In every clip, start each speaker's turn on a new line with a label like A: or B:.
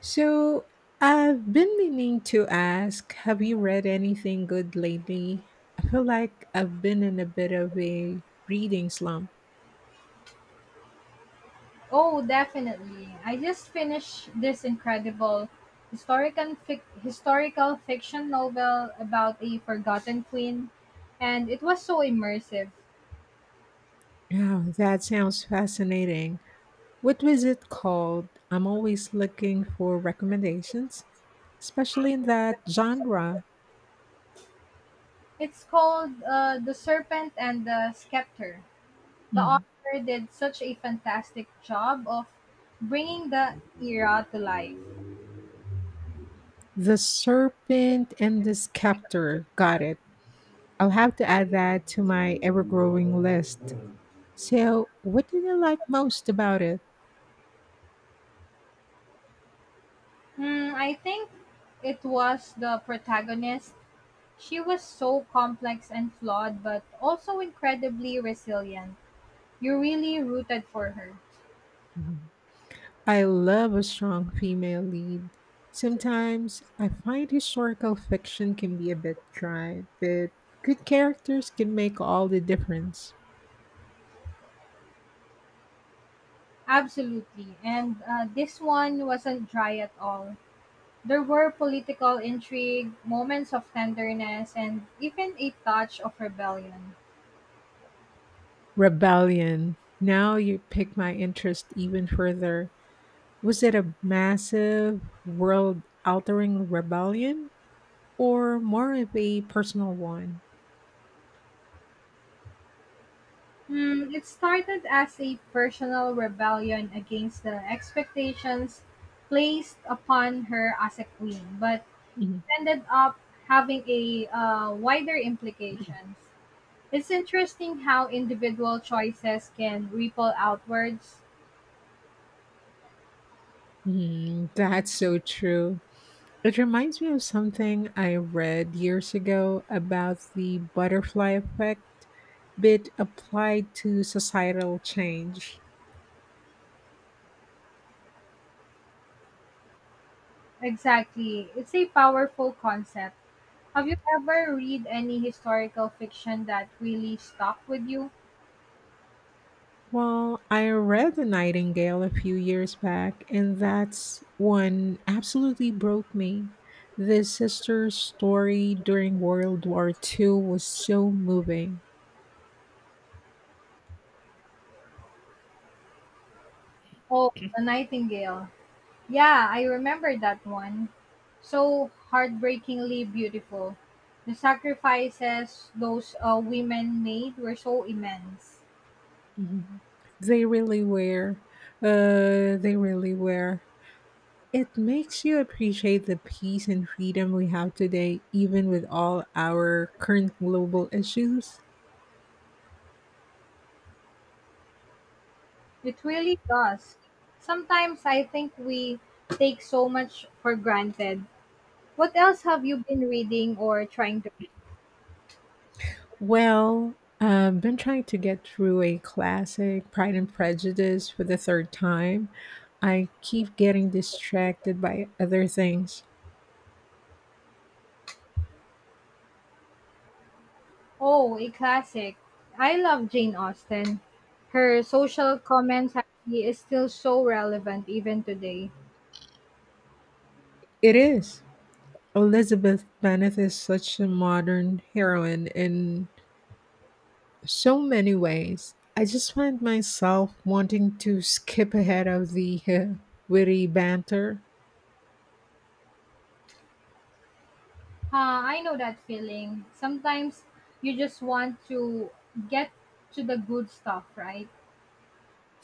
A: So, I've been meaning to ask, have you read anything good lately? I feel like I've been in a bit of a reading slump.
B: Oh, definitely. I just finished this incredible historical fiction novel about a forgotten queen, and it was so immersive.
A: Yeah, that sounds fascinating. What was it called? I'm always looking for recommendations, especially in that genre.
B: It's called The Serpent and the Scepter. The
A: Mm.
B: author did such a fantastic job of bringing the era to life.
A: The Serpent and the Scepter. Got it. I'll have to add that to my ever growing list. So, what did you like most about it?
B: Hmm, I think it was the protagonist. She was so complex and flawed, but also incredibly resilient. You really rooted for her.
A: I love a strong female lead. Sometimes I find historical fiction can be a bit dry, but good characters can make all the difference.
B: Absolutely. And this one wasn't dry at all. There were political intrigue, moments of tenderness, and even a touch of rebellion.
A: Rebellion. Now you pick my interest even further. Was it a massive, world altering rebellion or more of a personal one?
B: Hmm, it started as a personal rebellion against the expectations placed upon her as a queen, but
A: Mhm.
B: ended up having a wider implications. It's interesting how individual choices can ripple outwards.
A: Mhm, that's so true. It reminds me of something I read years ago about the butterfly effect, but applied to societal change.
B: Exactly. It's a powerful concept. Have you ever read any historical fiction that really stuck with you?
A: Well, I read The Nightingale a few years back, and that's one absolutely broke me. The sister's story during World War II was so moving.
B: Oh, The Nightingale. Yeah, I remember that one. So heartbreakingly beautiful. The sacrifices those women made were so immense.
A: Mhm. They really were. Uh, they really were. It makes you appreciate the peace and freedom we have today, even with all our current global issues.
B: It really does. Sometimes I think we take so much for granted. What else have you been reading or trying to?
A: Well, I've been trying to get through a classic, Pride and Prejudice, for the third time. I keep getting distracted by other things.
B: Oh, a classic. I love Jane Austen. Her social commentary is still so relevant even today.
A: It is. Elizabeth Bennet is such a modern heroine in so many ways. I just find myself wanting to skip ahead of the witty banter.
B: I know that feeling. Sometimes you just want to get to the good stuff, right?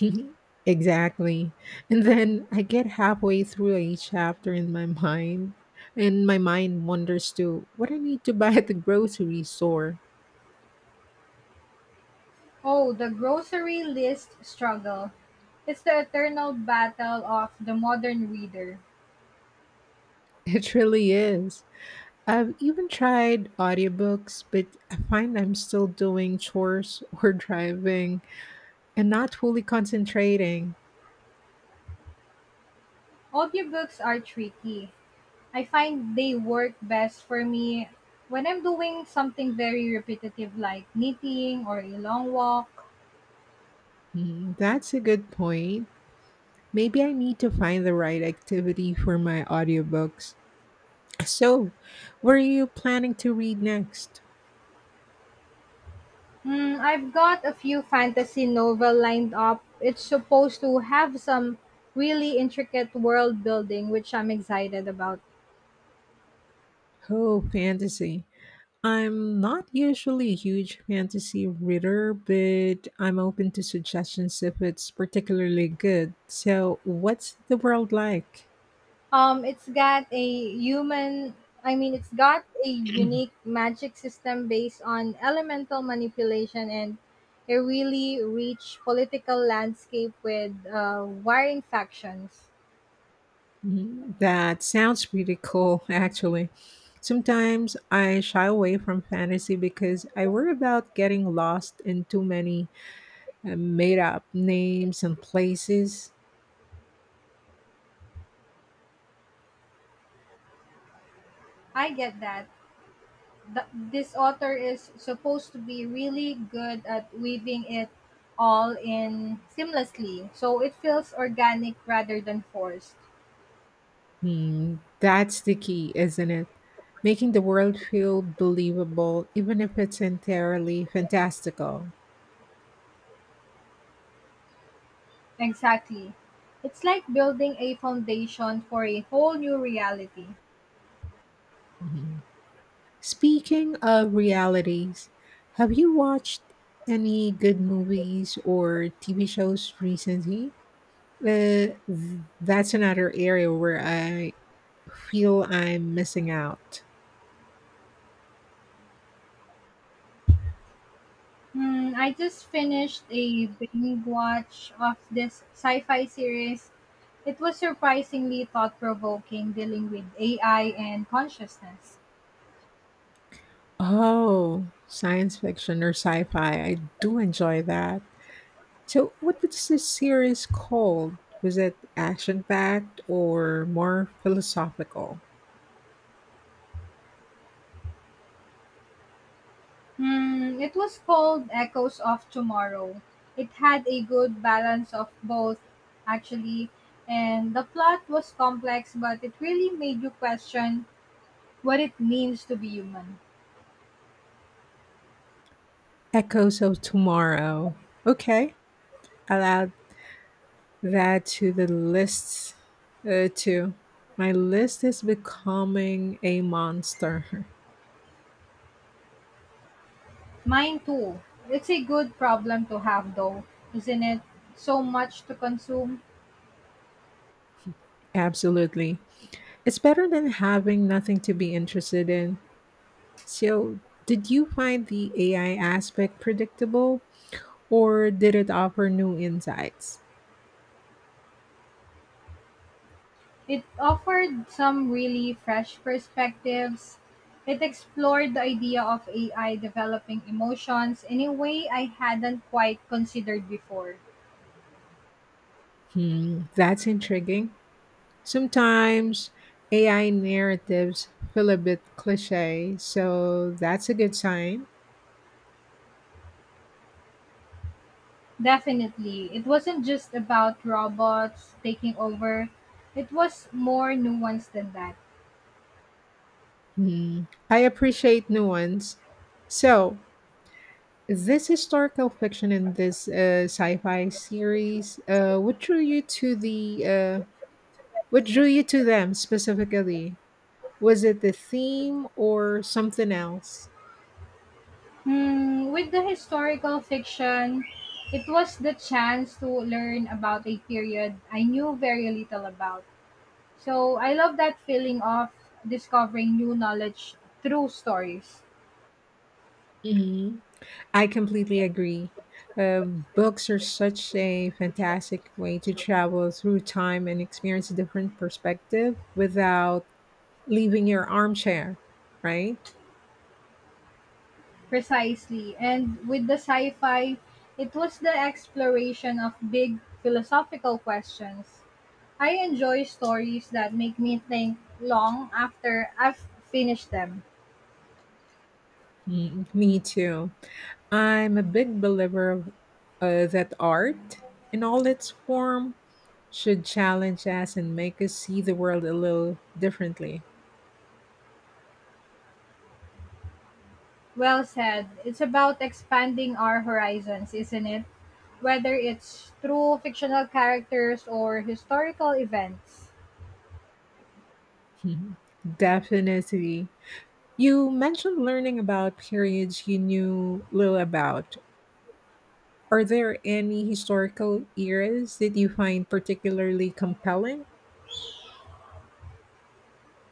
A: Exactly. And then I get halfway through a chapter in my mind, and my mind wanders to what I need to buy at the grocery store.
B: Oh, the grocery list struggle. It's the eternal battle of the modern reader.
A: It really is. I've even tried audiobooks, but I find I'm still doing chores or driving and not fully concentrating.
B: Audiobooks are tricky. I find they work best for me when I'm doing something very repetitive like knitting or a long walk.
A: Hmm, that's a good point. Maybe I need to find the right activity for my audiobooks. So, what are you planning to read next?
B: Hmm, I've got a few fantasy novel lined up. It's supposed to have some really intricate world building, which I'm excited about.
A: Oh, fantasy. I'm not usually a huge fantasy reader, but I'm open to suggestions if it's particularly good. So, what's the world like?
B: Um, it's got a human. It's got a unique magic system based on elemental manipulation and a really rich political landscape with warring factions.
A: Mhm, that sounds pretty cool, actually. Sometimes I shy away from fantasy because I worry about getting lost in too many made up names and places.
B: I get that. This author is supposed to be really good at weaving it all in seamlessly, so it feels organic rather than forced.
A: Hmm, that's the key, isn't it? Making the world feel believable, even if it's entirely fantastical.
B: Exactly. It's like building a foundation for a whole new reality.
A: Mhm. Speaking of realities, have you watched any good movies or TV shows recently? That's another area where I feel I'm missing out.
B: Hmm, I just finished a binge watch of this sci-fi series. It was surprisingly thought-provoking, dealing with AI and consciousness.
A: Oh, science fiction or sci fi. I do enjoy that. So, what was this series called? Was it action packed or more philosophical?
B: Hmm, it was called Echoes of Tomorrow. It had a good balance of both, actually, and the plot was complex, but it really made you question what it means to be human.
A: Echoes of Tomorrow. Okay, I'll add that to the list too. My list is becoming a monster.
B: Mine too. It's a good problem to have, though, isn't it? So much to consume.
A: Absolutely. It's better than having nothing to be interested in. So, did you find the AI aspect predictable or did it offer new insights?
B: It offered some really fresh perspectives. It explored the idea of AI developing emotions in a way I hadn't quite considered before.
A: Hmm, that's intriguing. Sometimes AI narratives feel a bit cliche, so that's a good sign.
B: Definitely, it wasn't just about robots taking over, it was more nuanced than that.
A: Hmm. I appreciate nuance. So, this historical fiction in this sci-fi series, what drew you to them specifically? Was it the theme or something else?
B: Hmm, with the historical fiction, it was the chance to learn about a period I knew very little about. So I love that feeling of discovering new knowledge through stories.
A: Mhm. I completely agree. Books are such a fantastic way to travel through time and experience a different perspective without leaving your armchair, right?
B: Precisely. And with the sci fi, it was the exploration of big philosophical questions. I enjoy stories that make me think long after I've finished them.
A: Mm, me too. I'm a big believer of, that art in all its form should challenge us and make us see the world a little differently.
B: Well said. It's about expanding our horizons, isn't it? Whether it's through fictional characters or historical events.
A: Mhm. Definitely. You mentioned learning about periods you knew little about. Are there any historical eras that you find particularly compelling?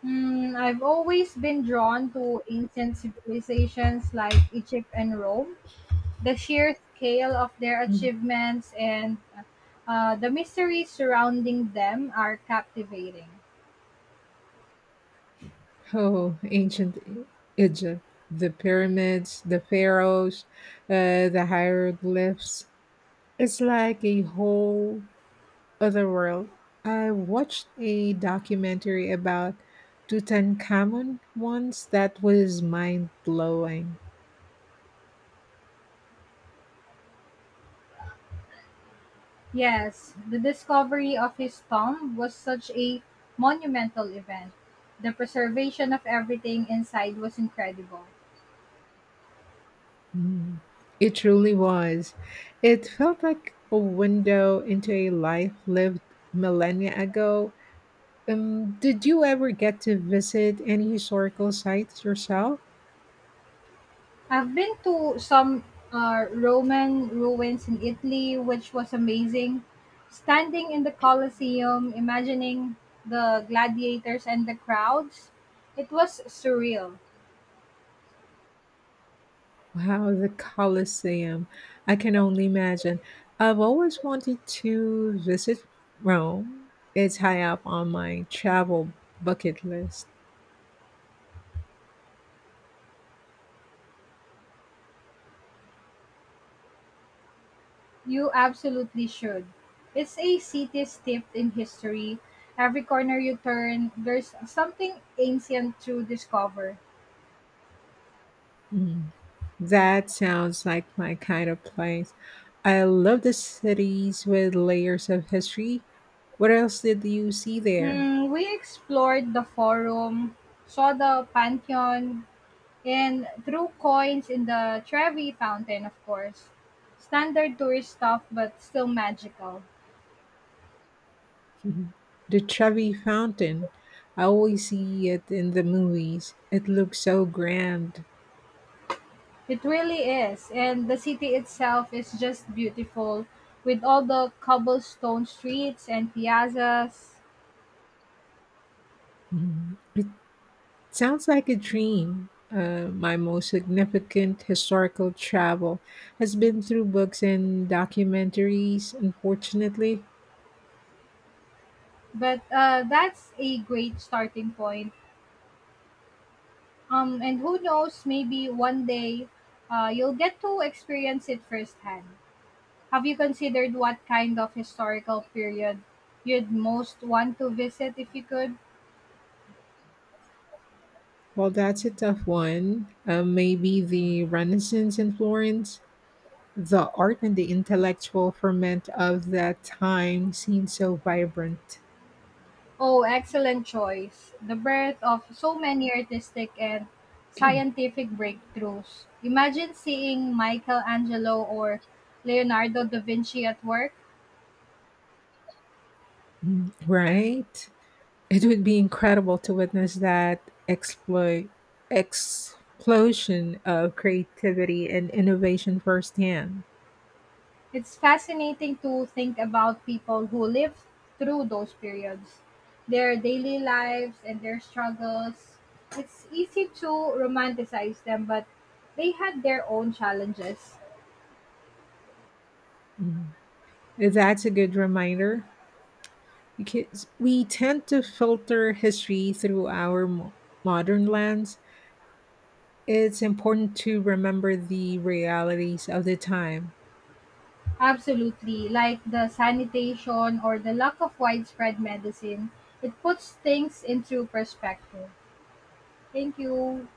B: Hmm, I've always been drawn to ancient civilizations like Egypt and Rome. The sheer scale of their
A: Mm.
B: achievements and the mysteries surrounding them are captivating.
A: Oh, ancient Egypt, the pyramids, the pharaohs, the hieroglyphs. It's like a whole other world. I watched a documentary about Tutankhamun once that was mind blowing.
B: Yes, the discovery of his tomb was such a monumental event. The preservation of everything inside was incredible.
A: Mm, it truly was. It felt like a window into a life lived millennia ago. Did you ever get to visit any historical sites yourself?
B: I've been to some Roman ruins in Italy, which was amazing. Standing in the Colosseum, imagining the gladiators and the crowds, it was surreal.
A: Wow, the Colosseum. I can only imagine. I've always wanted to visit Rome. It's high up on my travel bucket list.
B: You absolutely should. It's a city steeped in history. Every corner you turn, there's something ancient to discover.
A: Mm, that sounds like my kind of place. I love the cities with layers of history. What else did you see there?
B: Hmm, we explored the Forum, saw the Pantheon, and threw coins in the Trevi fountain, of course. Standard tourist stuff, but still magical.
A: Mhm. The Trevi Fountain. I always see it in the movies. It looks so grand.
B: It really is, and the city itself is just beautiful with all the cobblestone streets and piazzas.
A: Mhm. It sounds like a dream. My most significant historical travel has been through books and documentaries, unfortunately.
B: But that's a great starting point. And who knows, maybe one day you'll get to experience it firsthand. Have you considered what kind of historical period you'd most want to visit if you could?
A: Well, that's a tough one. Maybe the Renaissance in Florence. The art and the intellectual ferment of that time seemed so vibrant.
B: Oh, excellent choice. The birth of so many artistic and scientific breakthroughs. Imagine seeing Michelangelo or Leonardo da Vinci at work.
A: Mm, right? It would be incredible to witness that exploit explosion of creativity and innovation firsthand.
B: It's fascinating to think about people who lived through those periods, their daily lives and their struggles. It's easy to romanticize them, but they had their own challenges.
A: Mhm. That's a good reminder because we tend to filter history through our modern lens. It's important to remember the realities of the time.
B: Absolutely. Like the sanitation or the lack of widespread medicine, it puts things into perspective. Thank you.